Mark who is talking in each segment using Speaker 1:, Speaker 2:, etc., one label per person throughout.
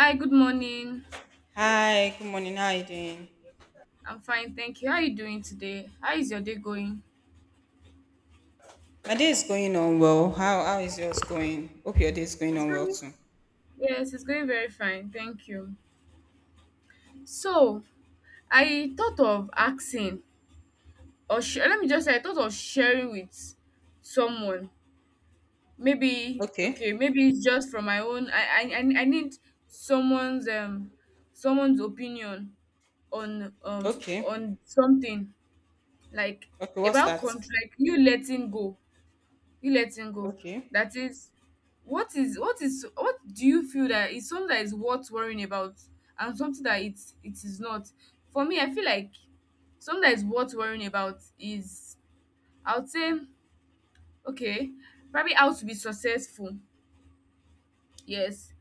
Speaker 1: Hi, good morning.
Speaker 2: Hi, good morning. How are you doing?
Speaker 1: I'm fine, thank you. How are you doing today? How is your day going?
Speaker 2: My day is going on well. How is yours going? Hope your day is going
Speaker 1: It's
Speaker 2: on well
Speaker 1: going.
Speaker 2: too.
Speaker 1: Yes, it's going very fine, thank you. So, I thought of asking, let me just say, I thought of sharing with someone. Maybe,
Speaker 2: Okay.
Speaker 1: okay, maybe it's just from my own. I need someone's someone's opinion on
Speaker 2: Okay.
Speaker 1: on something like
Speaker 2: Okay, what's
Speaker 1: about
Speaker 2: that?
Speaker 1: contract. You letting go. You letting go,
Speaker 2: Okay.
Speaker 1: that is, what do you feel that is something that is worth worrying about, and something that it is not. For me, I feel like something that is worth worrying about is, I would say, okay, probably how to be successful. Yes,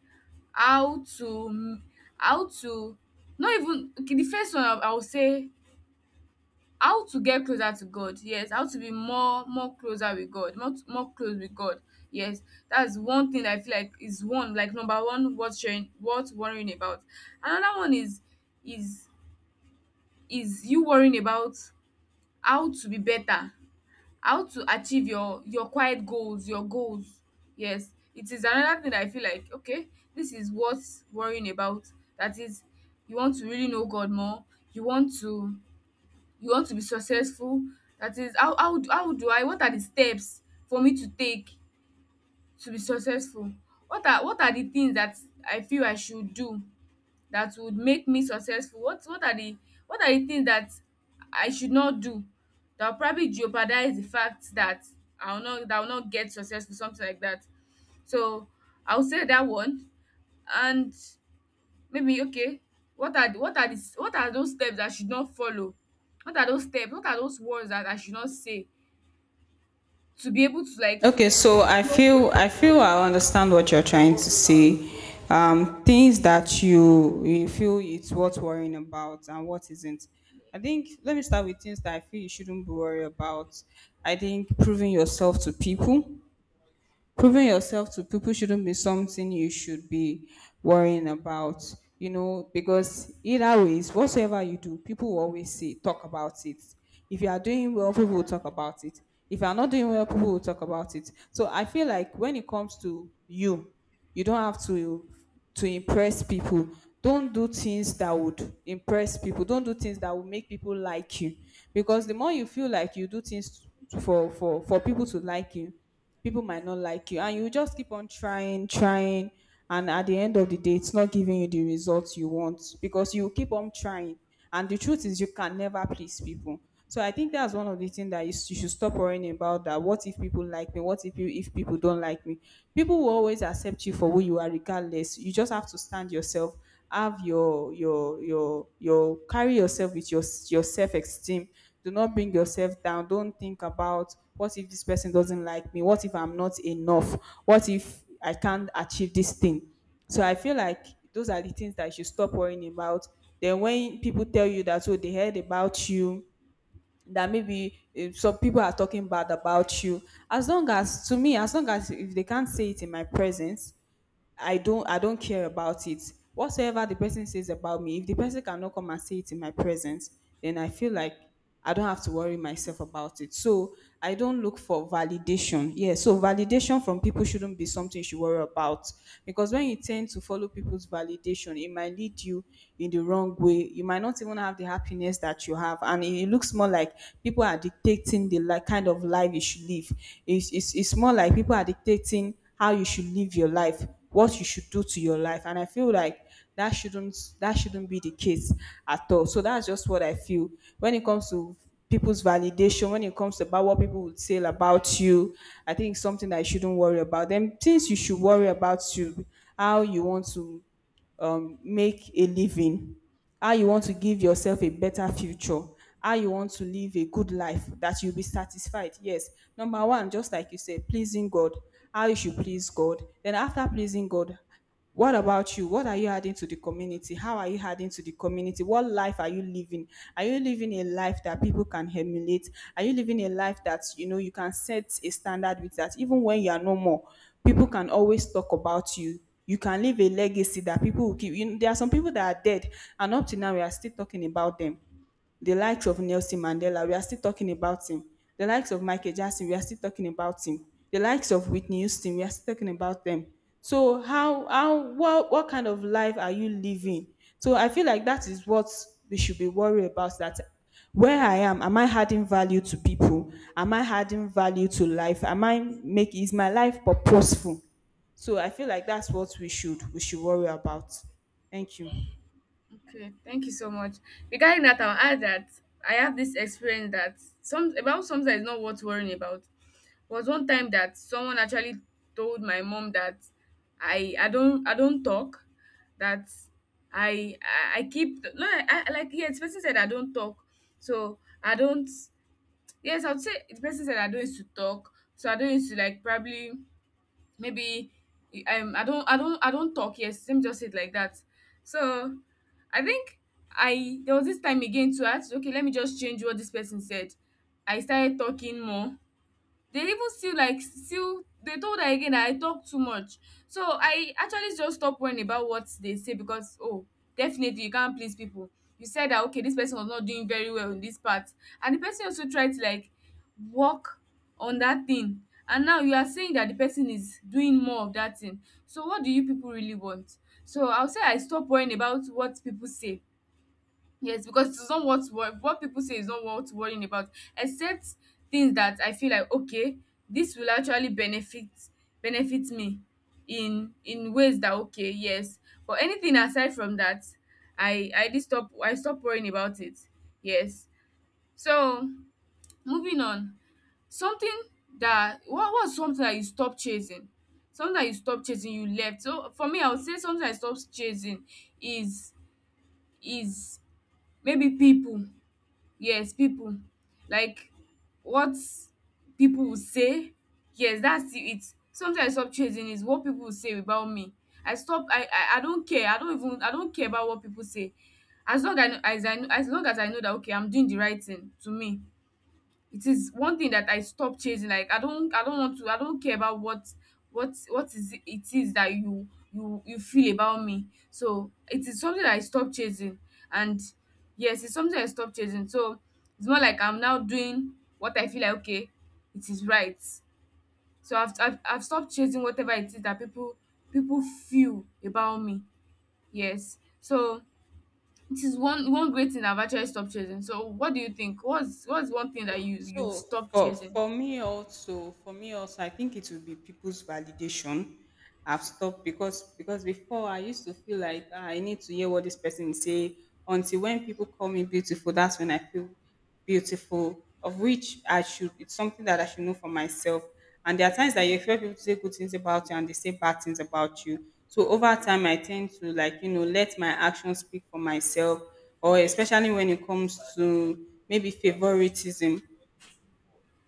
Speaker 1: how to how to not even okay, the first one, I would say, how to get closer to God. Yes, how to be more closer with God, more close with God. Yes, that's one thing that I feel like is one, like, number one worth sharing, worth worrying about. Another one is is you worrying about how to be better, how to achieve your quiet goals, your goals. Yes, it is another thing that I feel like, okay, this is worth worrying about. That is, you want to really know God more. You want to, you want to be successful. That is, how do I, what are the steps for me to take to be successful, what are, what are the things that I feel I should do that would make me successful, what are the, what are the things that I should not do that will probably jeopardize the fact that I will not, that I will not get successful, something like that. So I will say that one. And maybe, okay, what are the, what are the, what are those steps I should not follow, what are those steps, what are those words that I should not say to be able to, like,
Speaker 2: Okay, so I
Speaker 1: know-
Speaker 2: feel I feel I understand what you're trying to say. Things that you feel it's worth worrying about and what isn't. I think let me start with things that I feel you shouldn't be worried about. I think proving yourself to people proving yourself to people shouldn't be something you should be worrying about, you know, because either ways whatsoever you do people will always say talk about it. If you are doing well people will
Speaker 1: yeah,
Speaker 2: talk about it. If you are not doing well people will talk about it. So I feel like when it comes to you, you don't have to impress people. Don't do things that would impress people. Don't do things that would make people like you, because the more you feel like you do things for people to like you, people might not like you, and you just keep on trying trying, and at the end of the day it's not giving you the results you want because you keep on trying. And the truth is you can never please people. So I think that's one of the things that you, s- you should stop worrying about. That what if people like me, what if you if people don't like me. People will always accept you for who you are regardless. You just have to stand yourself. Have your your carry yourself with your self esteem. Do not bring yourself down. Don't think about what if this person doesn't like me, what if I'm not enough, what if I can't achieve this thing. So I feel like those are the things that you should stop worrying about. Then when people tell you that oh they heard about you, that maybe some people are talking bad about you. As long as, to me, as long as if they can't say it in my presence, I don't care about it. Whatsoever the person says about me, if the person cannot come and say it in my presence, then I feel like I don't have to worry myself about it. So I don't look for validation. Yeah, so validation from people shouldn't be something you should worry about. Because when you tend to follow people's validation, it might lead you in the wrong way. You might not even have the happiness that you have. And it looks more like people are dictating the like kind of life you should live. It's more like people are dictating how you should live your life, what you should do to your life, and I feel like that shouldn't be the case at all. So that's just what I feel when it comes to people's validation, when it comes to about what people would say about you. I think it's something that you shouldn't worry about. Then things you should worry about, you, how you want to make a living, how you want to give yourself a better future, how you want to live a good life that you'll be satisfied. Yes. Number one, just like you said, pleasing God, how you should please God. Then after pleasing God, what about you? What are you adding to the community? How are you adding to the community? What life are you living? Are you living a life that people can emulate? Are you living a life that you know you can set a standard with that even when you are no more? People can always talk about you. You can leave a legacy that people will keep. You know, there are some people that are dead, and up to now we are still talking about them, the likes of Nelson Mandela, we are still talking about him. The likes of Michael Jackson, we are still talking about him. The likes of Whitney Houston, we are still talking about them. So how what kind of life are you living? So I feel like that is what we should be worried about. That where I am I adding value to people? Am I adding value to life? Am I make is my life purposeful? So I feel like that's what we should worry about. Thank you.
Speaker 1: okay, thank you so much. Regarding that, I'll add that I have this experience that some, about something that is not worth worrying about, was one time that someone actually told my mom that I don't, I don't talk. That I keep, no, I like, yeah, it's, person said I don't talk, so I don't. Yes, I would say the person said I don't used to talk, so I don't used to, like, probably, maybe, I don't talk. Yes, let me just say it like that. So I think, I there was this time again to ask. Okay, let me just change what this person said. I started talking more, they even still, like, still they told her again that I talk too much. So I actually just stopped worrying about what they say because, oh, definitely you can't please people. You said that, okay, this person was not doing very well in this part, and the person also tried to, like, work on that thing, and now you are saying that the person is doing more of that thing. So what do you people really want? So I'll say I stop worrying about what people say. Yes, because it's not what people say is not worth worrying about, except things that I feel like, okay, this will actually benefit me in ways that, okay, yes. But anything aside from that, I stop worrying about it. Yes. So moving on, something that, what was something that you stopped chasing, something that you stopped chasing you left. So for me, I would say something I stopped chasing is is maybe people, yes people, like what people will say. Yes, it, sometimes stop chasing is what people will say about me. I don't care, I don't even, I don't care about what people say, as long as I know, as I know, as long as I know that, okay, I'm doing the right thing to me. It is one thing that I stop chasing, like I don't want to, I don't care about what, what is it, it is that you feel about me. So it is something that I stop chasing. And yes, it's something I stop chasing. So it's more like I'm now doing what I feel like, okay, it is right. So I've stopped chasing whatever it is that people feel about me. Yes, so it is one, one great thing I've actually stopped chasing. So what do you think, what's one thing that you've
Speaker 2: So
Speaker 1: stopped
Speaker 2: for
Speaker 1: chasing?
Speaker 2: for me also, for me also, I think it will be people's validation. I've stopped because before I used to feel like, "Ah, I need to hear what this person is say until when people call me beautiful, that's when I feel beautiful." Of which I should, it's something that I should know for myself. And there are times that you expect people to say good things about you and they say bad things about you. So over time I tend to like, you know, let my actions speak for myself, or especially when it comes to maybe favoritism.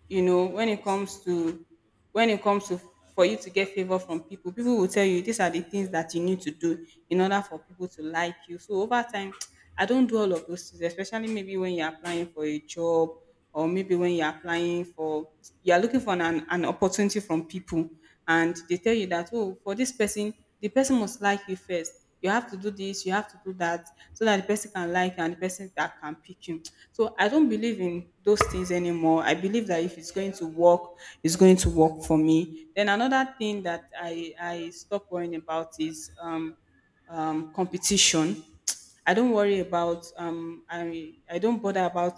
Speaker 2: You know, when it comes to, when it comes to for you to get favor from people, people will tell you these are the things that you need to do in order for people to like you. So over time I don't do all of those things, especially maybe when you're applying for a job, or maybe when you're applying for, you're looking for an opportunity from people, and they tell you that oh for this person, the person must like you first, you have to do this, you have to do that, so that the person can like you and the person that can pick you. So I don't believe in those things anymore. I believe that if it's going to work, it's going to work for me. Then another thing that I stop worrying about is competition. I don't worry about I don't bother about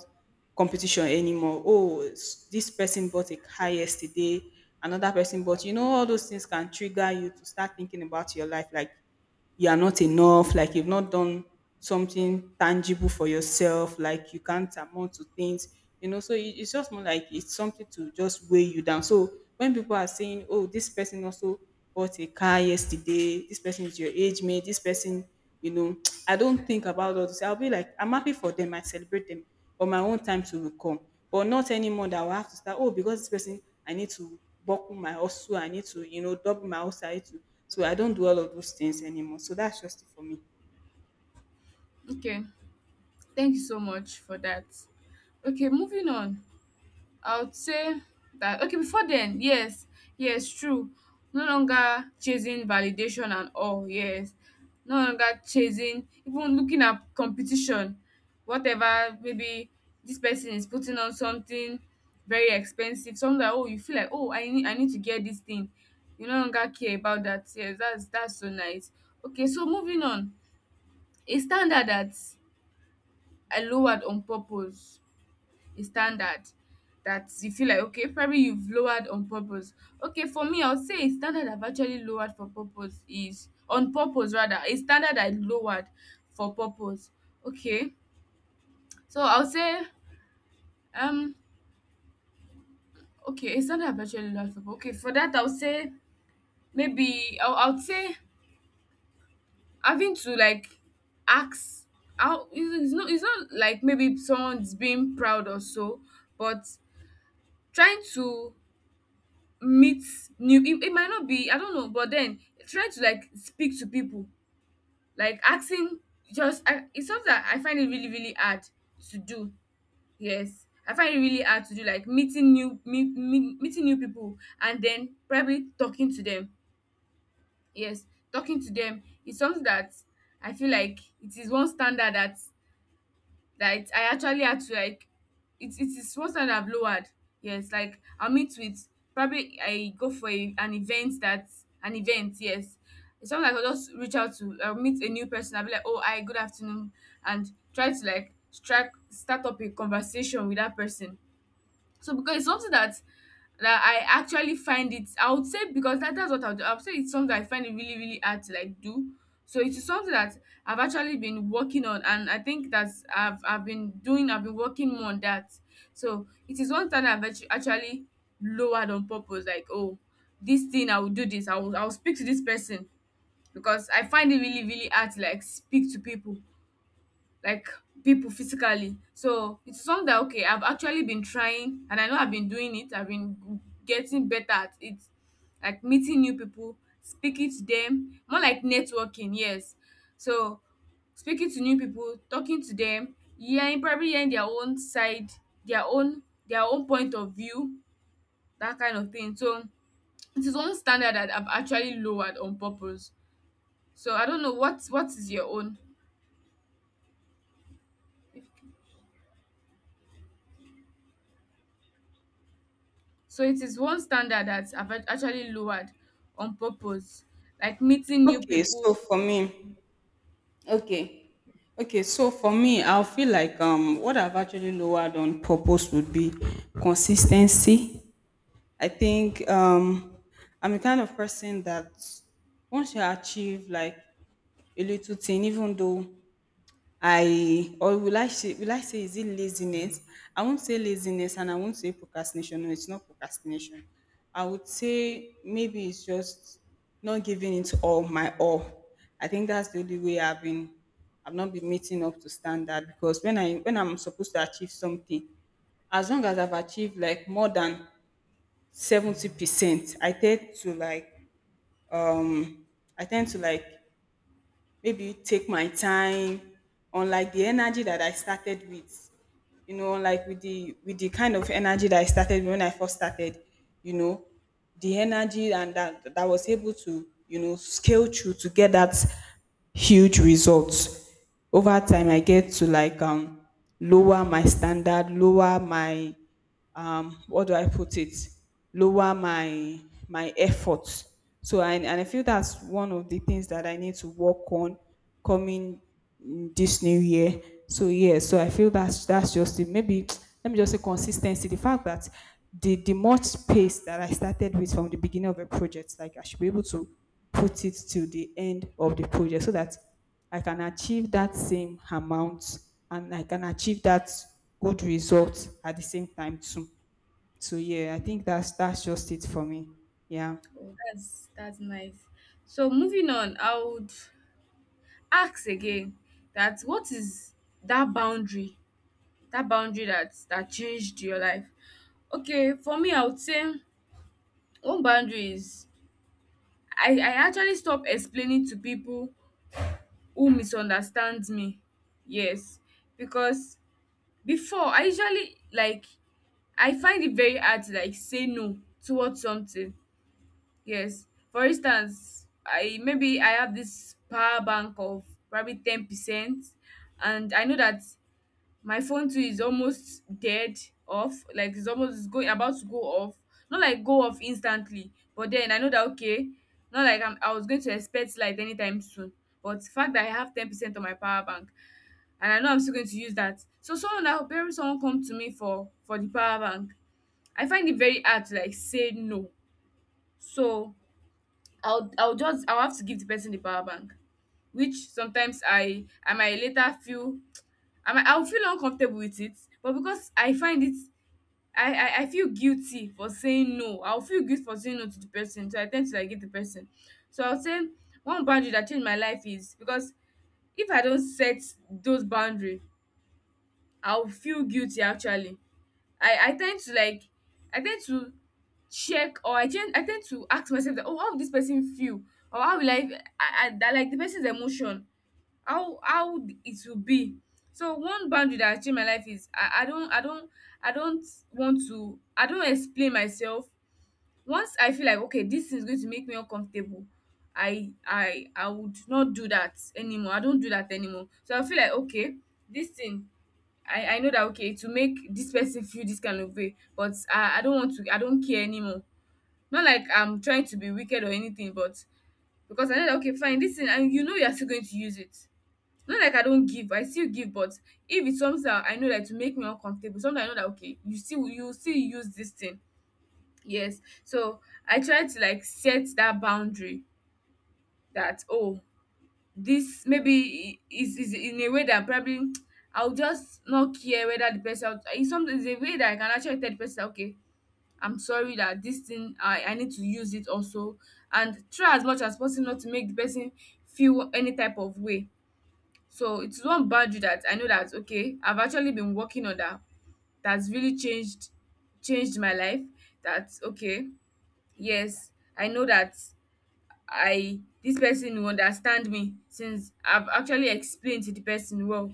Speaker 2: competition anymore. Oh, s- this person bought a car yesterday, another person bought. You know, all those things can trigger you to start thinking about your life, like you are not enough, like you've not done something tangible for yourself, like you can't amount to things. You know, so it's just more like it's something to just weigh you down. So when people are saying, "Oh, this person also bought a car yesterday," this person is your age mate, this person, you know, I don't think about all this. I'll be like, I'm happy for them. I celebrate them, but my own time to will come. But not anymore that I will have to start. Oh, because this person, I need to buckle my hustle. I need to, you know, double my hustle. I need to. So I don't do all of those things anymore. So that's just it for me.
Speaker 1: Okay, thank you so much for that. Okay, moving on. I would say that, okay, before then, yes, yes, true. No longer chasing validation and all, yes. No longer chasing, even looking at competition, whatever, maybe this person is putting on something very expensive, something that, oh, you feel like, oh, I need to get this thing. You no longer care about that. Yes, that's so nice. Okay, so moving on. A standard that I lowered on purpose, a standard that you feel like, okay, probably you've lowered on purpose. Okay, for me I will say, a standard I've actually lowered for purpose is, on purpose rather, a standard I lowered for purpose. Okay, so I will say, um okay, a standard I've actually lowered for purpose. Okay, for that I will say, maybe I will say, having to, like, ask how it's, it's not like maybe someone's being proud or so, but trying to meet new, it might not be, I don't know, but then trying to, like, speak to people, like asking, just it's something that I find it really, really hard to do. Yes, I find it really hard to do, like, meeting new, meeting new people and then probably talking to them. Yes, talking to them is something that I feel like it is one standard that, like I actually had to, like, it is one standard I've lowered. Yes, like I'll meet with, probably I go for a, an event that, an event, yes. Sometimes I'll just reach out to, I'll meet a new person, I'll be like, oh hi, good afternoon, and try to, like, strike, start up a conversation with that person. So because it's something that I actually find it, I would say because that's what I would do. I would say it's something I find it really, really hard to, like, do. So it is something that I've actually been working on, and I think that's, I've been doing, I've been working more on that. So it is one thing actually lowered on purpose, like, oh, this thing I will do, this I will, I'll speak to this person because I find it really, really hard to, like, speak to people, like people physically. So it's something that, okay, I've actually been trying, and I know I've been doing it. I've been getting better at it. Like meeting new people, speaking to them, more like networking, yes. So speaking to new people, talking to them, hearing, probably hearing their own side, their own, their own point of view, that kind of thing. So it is one standard that I've actually lowered on purpose. So I don't know what is your own. So it is one standard that's actually lowered on purpose, like meeting new
Speaker 2: Okay, so
Speaker 1: people.
Speaker 2: for me, okay, okay, so for me, I'll feel like what I've actually lowered on purpose would be consistency. I think I'm the kind of person that once you achieve like a little thing, even though I or will I say is it laziness? I won't say laziness and I won't say procrastination. No, it's not procrastination. I would say maybe it's just not giving it all my all. I think that's the only way I've not been meeting up to standard, because when I when I'm supposed to achieve something, as long as I've achieved like more than 70%, I tend to like um I tend to like maybe take my time, unlike the energy that I started with, you know, like with the kind of energy that I started, when I first started, you know, the energy and that that was able to, you know, scale through to get that huge results. Over time I get to like lower my standard, lower my what do I put it, lower my my effort. So I, and I feel that's one of the things that I need to work on coming mm this new year. So yeah, so I feel that's just it. Maybe let me just say consistency. The fact that the much pace that I started with from the beginning of a project, like I should be able to put it to the end of the project, so that I can achieve that same amount and I can achieve that good result at the same time too. So yeah, I think that's just it for me. Yeah.
Speaker 1: Oh, that's nice. So moving on, I would ask again that, what is that boundary? That boundary that, that changed your life. Okay, for me, I would say one boundary is, I actually stop explaining to people who misunderstand me. Yes, because before I usually, like, I find it very hard to, like, say no towards something. Yes. For instance, I, maybe I have this power bank of probably 10%, and I know that my phone too is almost dead off, like it's almost going, about to go off. Not like go off instantly, but then I know that, okay, not like I'm, I was going to expect light anytime soon. But the fact that I have 10% on my power bank, and I know I'm still going to use that. So someone now, parents, someone come to me for the power bank, I find it very hard to, like, say no. So I'll have to give the person the power bank, which sometimes I might later feel, I'll feel uncomfortable with it, but because I find it, I, I feel guilty for saying no. I'll feel guilty for saying no to the person, so I tend to, like, give the person. So I'll say one boundary that changed my life is because if I don't set those boundary, I'll feel guilty actually. I tend to like I tend to check, or I tend to ask myself that, oh, how would this person feel, or how will I, that, like, the person's emotion, how it will be. So one boundary that has changed my life is I don't, I don't want to, I don't explain myself. Once I feel like, okay, this thing is going to make me uncomfortable, I would not do that anymore. I don't do that anymore. So I feel like, okay, this thing, I know that, okay, to make this person feel this kind of way, but I don't want to, I don't care anymore. Not like I'm trying to be wicked or anything, but because I know that, okay, fine, this thing, and you know you're still going to use it. Not like I don't give, I still give, but if it's something that I know that to make me uncomfortable, something I know that, okay, you still, you still use this thing. Yes. So I try to like set that boundary, that, oh, this maybe is in a way that probably I'll just not care whether the person, in some is a way that I can actually tell the person, okay, I'm sorry that this thing I need to use it also, and try as much as possible not to make the person feel any type of way. So it's one boundary that I know that, okay, I've actually been working on that, that's really changed my life. That's okay. Yes, I know that I, this person will understand me since I've actually explained to the person well,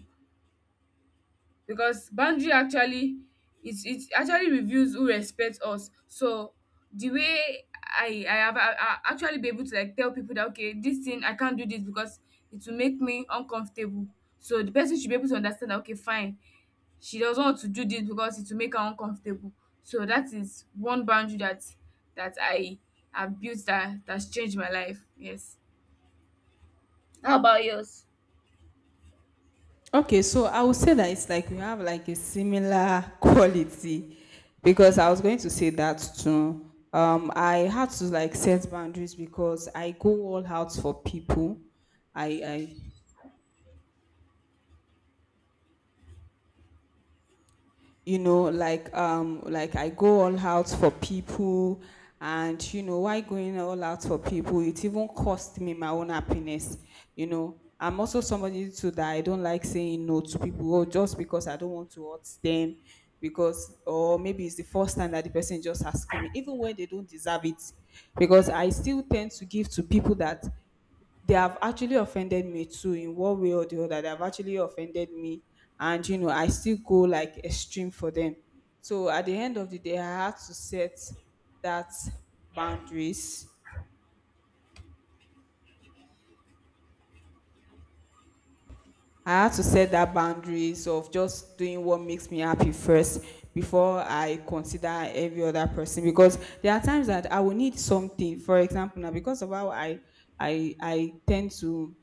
Speaker 1: because boundary actually, it actually reveals who respects us. So the way I have I actually be able to like tell people that, okay, this thing, I can't do this because it will make me uncomfortable. So the person should be able to understand that, okay, fine, she does not want to do this because it will make her uncomfortable. So that is one boundary that, that I have built, that that's changed my life. Yes. How about yours?
Speaker 2: Okay, so I would say that it's like we have like a similar quality because I was going to say that too. I had to like set boundaries because I go all out for people. I like I go all out for people. And you know why? Going all out for people, it even cost me my own happiness. You know, I'm also somebody too that I don't like saying no to people, or just because I don't want to hurt them, because or maybe it's the first time that the person is just asking me, even when they don't deserve it, because I still tend to give to people that they have actually offended me too in one way or the other. They have actually offended me, and you know, I still go like extreme for them. So at the end of the day, I had to set that boundaries. I had to set that boundaries of just doing what makes me happy first before I consider every other person, because there are times that I will need something. For example, now because of how I tend to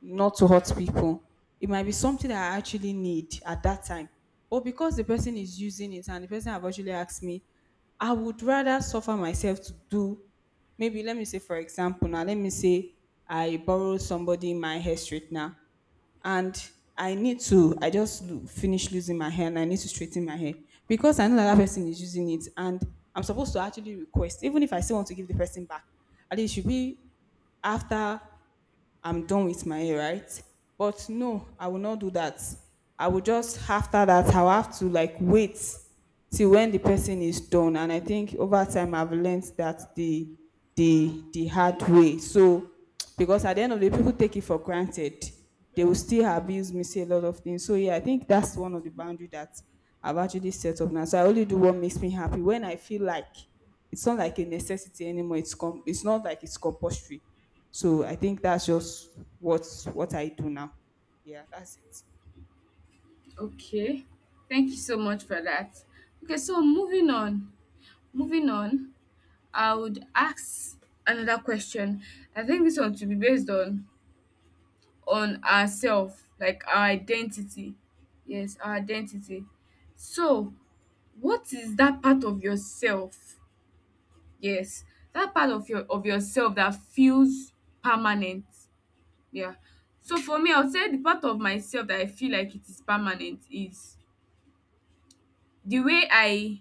Speaker 2: not to hurt people. It might be something that I actually need at that time. But because the person is using it and the person have actually asked me, I would rather suffer myself to do, maybe let me say for example, now let me say I borrow somebody my hair straightener, and I need to, I just finish losing my hair and I need to straighten my hair, because I know that, that person is using it, and I'm supposed to actually request, even if I still want to give the person back, at least it should be after I'm done with my hair, right? But no, I will not do that. I will just, after that I'll have to like wait till when the person is done. And I think over time I've learned that the hard way. So because at the end of the day, people take it for granted. They will still abuse me, say a lot of things. So yeah, I think that's one of the boundary that I've actually set up now. So I only do what makes me happy, when I feel like it's not like a necessity anymore. It's not like it's compulsory. So I think that's just what what I do now. Yeah, that's it.
Speaker 1: Okay. Thank you so much for that. Okay, so moving on. Moving on, I would ask another question. I think this one to be based on ourselves, like our identity. Yes, our identity. So, what is that part of yourself, yes, that part of your of yourself that feels permanent. Yeah. So for me, I would say the part of myself that I feel like it is permanent is the way I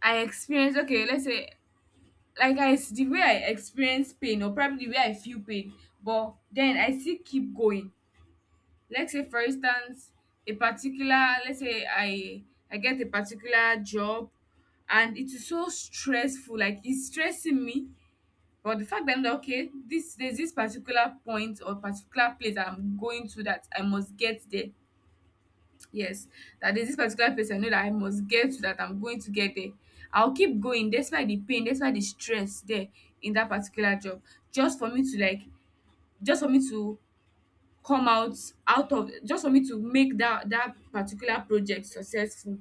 Speaker 1: I experience. Okay, let's say like the way I experience pain, or probably the way I feel pain, but then I still keep going. Let's say for instance, a particular, let's say I get a particular job and it is so stressful, like it's stressing me. But the fact that I'm like, okay, this, there's this particular point or particular place I'm going to that I must get there. Yes, that there's this particular place I know that I must get to, that I'm going to get there. I'll keep going despite the pain, despite the stress there in that particular job, just for me to like, just for me to come out out of, just for me to make that, that particular project successful.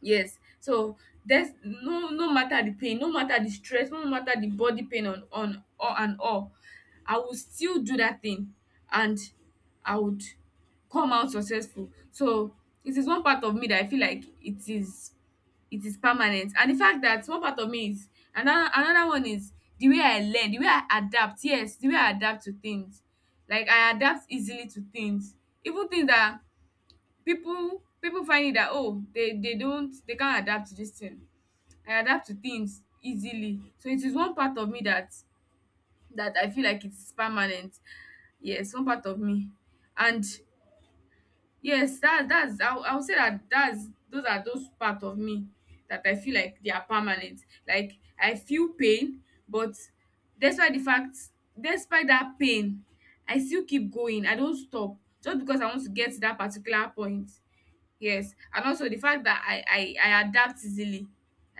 Speaker 1: Yes. So there's no, no matter the pain, no matter the stress, no matter the body pain on all and all, I will still do that thing and I would come out successful. So it is one part of me that I feel like it is, it is permanent. And the fact that one part of me is, another another one is the way I learn, the way I adapt. Yes, the way I adapt to things. Like I adapt easily to things. Even things that people find it that, oh, they don't, they can't adapt to this thing, I adapt to things easily. So it is one part of me that, that I feel like it's permanent. Yes, one part of me. And yes, that that's I would say that that's, those are those part of me that I feel like they are permanent. Like I feel pain, but despite the fact, despite that pain, I still keep going, I don't stop, just because I want to get to that particular point. Yes, and also the fact that I adapt easily.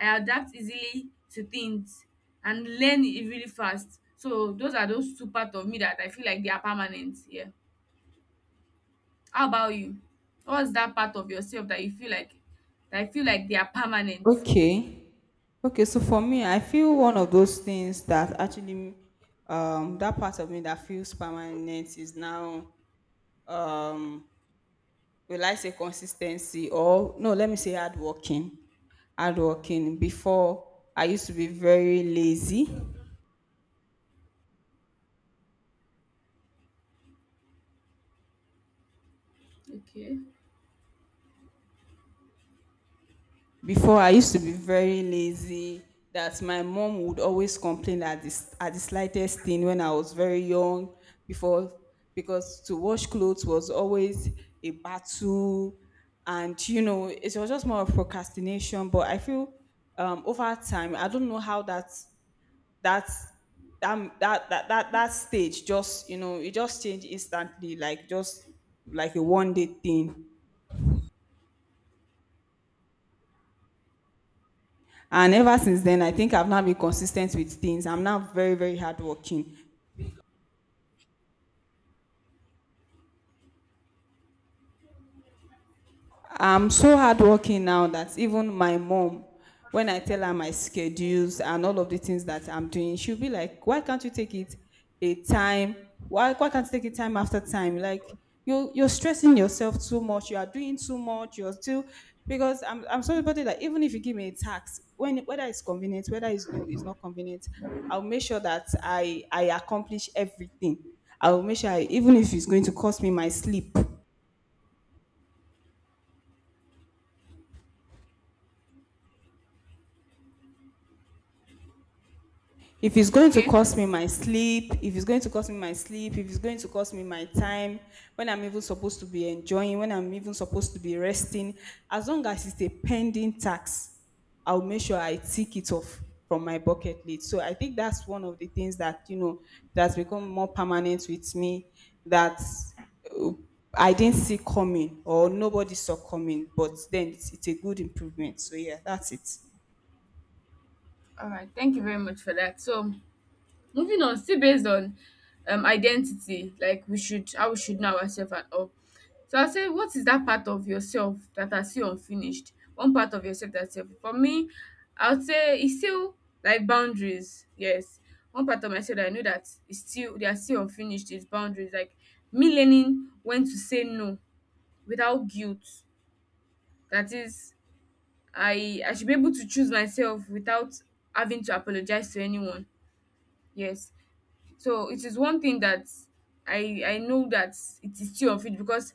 Speaker 1: I adapt easily to things and learn it really fast. So those are those two parts of me that I feel like they are permanent. Yeah. How about you? What's that part of yourself that you feel like, that I feel like they are permanent?
Speaker 2: Okay. Okay, so for me, I feel one of those things that actually that part of me that feels permanent is now, um will I say consistency, or no, let me say hardworking. Hardworking. Before I used to be very lazy.
Speaker 1: Okay.
Speaker 2: Before I used to be very lazy, that my mom would always complain at this at the slightest thing when I was very young before, because to wash clothes was always a battle, and you know it was just more of procrastination. But I feel over time I don't know how that that stage just, you know, it just changed instantly, like just like a one day thing. And ever since then, I think I've now been consistent with things. I'm now very, very hardworking. I'm so hardworking now that even my mom, when I tell her my schedules and all of the things that I'm doing, she'll be like, "Why can't you take it a time? Why can't you take it time after time? Like you're stressing yourself too much. You are doing too much. You're still because I'm somebody that even if you give me a task, when whether it's convenient, whether it's no, it's not convenient, I'll make sure that I accomplish everything. I will make sure I, even if it's going to cost me my sleep, if it's going to
Speaker 1: Okay.
Speaker 2: cost me my sleep, if it's going to cost me my sleep, if it's going to cost me my time, when I'm even supposed to be enjoying, when I'm even supposed to be resting, as long as it's a pending tax, I'll make sure I tick it off from my bucket list. So I think that's one of the things that, you know, that's become more permanent with me that uh, I didn't see coming, or nobody saw coming, but then it's a good improvement. So yeah, that's it.
Speaker 1: All right. Thank you very much for that. So moving on, still based on identity, like we should, how we should know ourselves and all. So I say, what is that part of yourself that are still unfinished? One part of yourself that's self. For me, I would say it's still like boundaries. Yes. One part of myself that I know that is still, they are still unfinished is boundaries. Like me learning when to say no without guilt. That is, I should be able to choose myself without having to apologize to anyone. Yes. So it is one thing that I know that it is still unfinished, because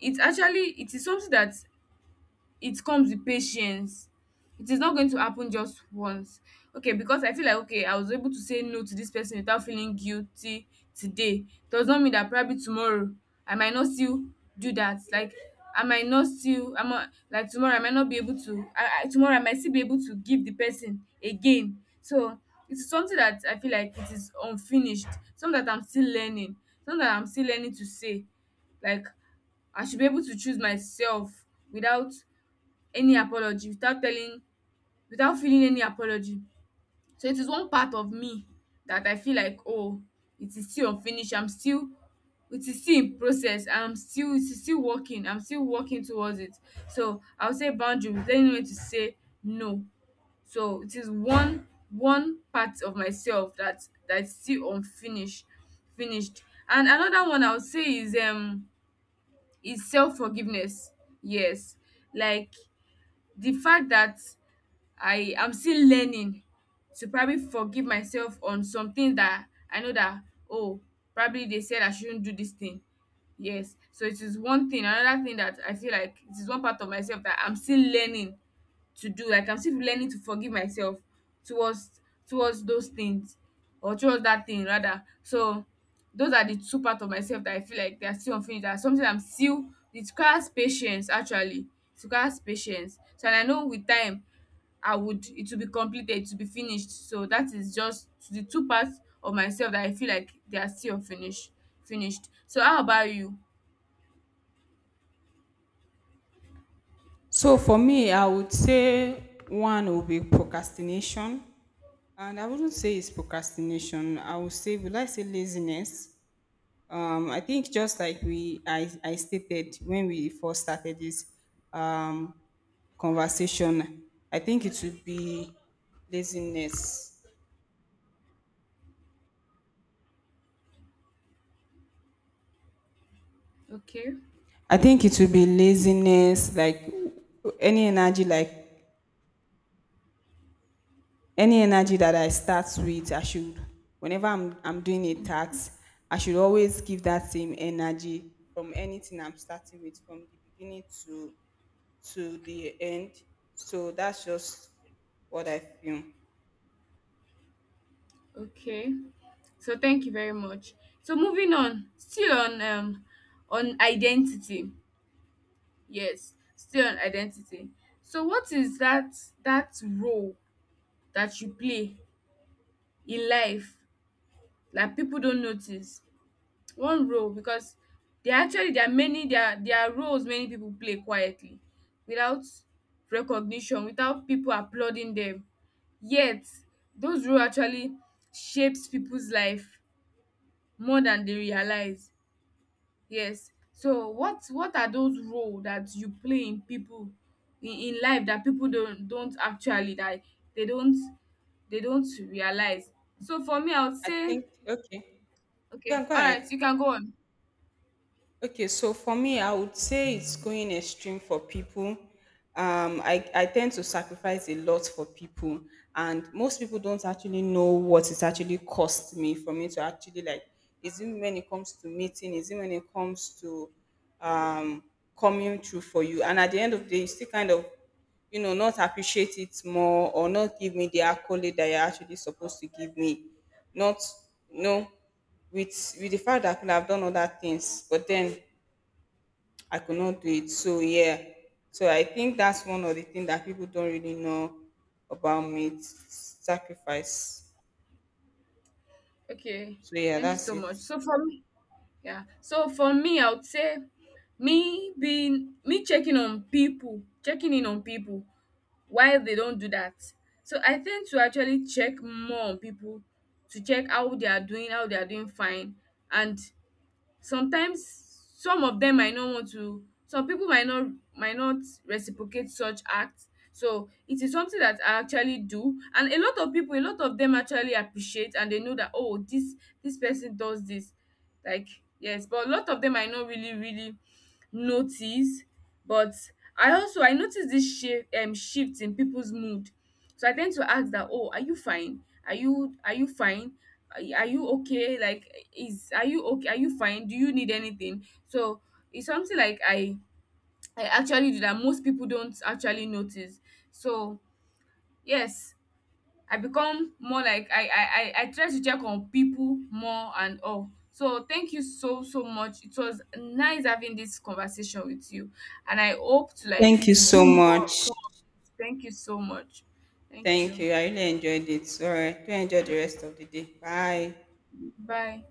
Speaker 1: it actually, it is something that it comes with patience. It is not going to happen just once. Okay, because I feel like, okay, I was able to say no to this person without feeling guilty today. Does not mean that probably tomorrow I might not still do that. Like I might not still, I'm not, like tomorrow I might not be able to, I tomorrow I might still be able to give the person again. So it's something that I feel like it is unfinished, something that I'm still learning, something that I'm still learning to say, like I should be able to choose myself without any apology, without telling, without feeling any apology. So it is one part of me that I feel like, oh, it is still unfinished. I'm still, it is still in process. I'm still, it is still working. I'm still working towards it. So I will say boundary with learning when to say no. So it is one, one part of myself that, that is still unfinished finished. And another one I would say is self forgiveness. Yes. Like the fact that I am still learning to probably forgive myself on something that I know that, oh, probably they said I shouldn't do this thing. Yes. So it is one thing. Another thing that I feel like it is one part of myself that I'm still learning to do. Like I'm still learning to forgive myself towards, towards those things, or towards that thing rather. So those are the two parts of myself that I feel like they are still unfinished. That's something I'm still, it requires patience actually. It requires patience. So, and I know with time I would, it will be completed, it will be finished. So that is just the two parts of myself that I feel like they are still unfinished finished. So how about you?
Speaker 2: So for me, I would say one will be procrastination. And I wouldn't say it's procrastination. I would say, would I say laziness? I think just like I stated when we first started this um, conversation, I think it would be laziness.
Speaker 1: Okay.
Speaker 2: I think it would be laziness, like any energy that I start with, I should, whenever I'm doing a task, I should always give that same energy from anything I'm starting with, from the beginning to the end. So that's just what I feel.
Speaker 1: Okay. So thank you very much. So moving on, still on identity. Yes, still on identity. So what is that, that role that you play in life like people don't notice? One role, because there actually, there are many, there are, there are roles many people play quietly without recognition, without people applauding them. Yet those roles actually shapes people's life more than they realize. Yes. So what are those roles that you play in people in life that people don't actually, that they don't, they don't realize? So for me I would
Speaker 2: I
Speaker 1: say,
Speaker 2: think okay. Go
Speaker 1: okay,
Speaker 2: on, go
Speaker 1: all right,
Speaker 2: ahead.
Speaker 1: you can go on.
Speaker 2: Okay, so for me, I would say it's going extreme for people. I tend to sacrifice a lot for people, and most people don't actually know what it actually cost me for me to actually like. Is it when it comes to meeting? Is it when it comes to um, coming through for you? And at the end of the day, you still kind of, you know, not appreciate it more, or not give me the accolade that you're actually supposed to give me. Not, you know, with the fact that I could have done other things, but then I could not do it. So yeah. So I think that's one of the things that people don't really know about me. It's sacrifice.
Speaker 1: Okay,
Speaker 2: So yeah,
Speaker 1: thank you
Speaker 2: that's
Speaker 1: so
Speaker 2: it.
Speaker 1: much. So for me, yeah. So for me, I would say me being, me checking on people, checking in on people while they don't do that. So I tend to actually check more on people, to check how they are doing, how they are doing fine, and sometimes some of them might not want to, some people might not, might not reciprocate such acts. So it is something that I actually do, and a lot of people, a lot of them actually appreciate, and they know that, oh, this person does this, like, yes. But a lot of them might not really really notice. But I also, I notice this shift, shift in people's mood. So I tend to ask that, oh, are you fine, are you, are you fine, are you okay, like, is, are you okay, are you fine, do you need anything? So it's something like I actually do that most people don't actually notice. So yes, I become more like I try to check on people more and all. So thank you so so much, it was nice having this conversation with you, and I hope to like
Speaker 2: Thank you
Speaker 1: to do
Speaker 2: so
Speaker 1: more,
Speaker 2: much.
Speaker 1: more. Thank you so much. Thank
Speaker 2: Thank
Speaker 1: you.
Speaker 2: you. I really enjoyed it. All right. Do enjoy the rest of the day. Bye.
Speaker 1: Bye.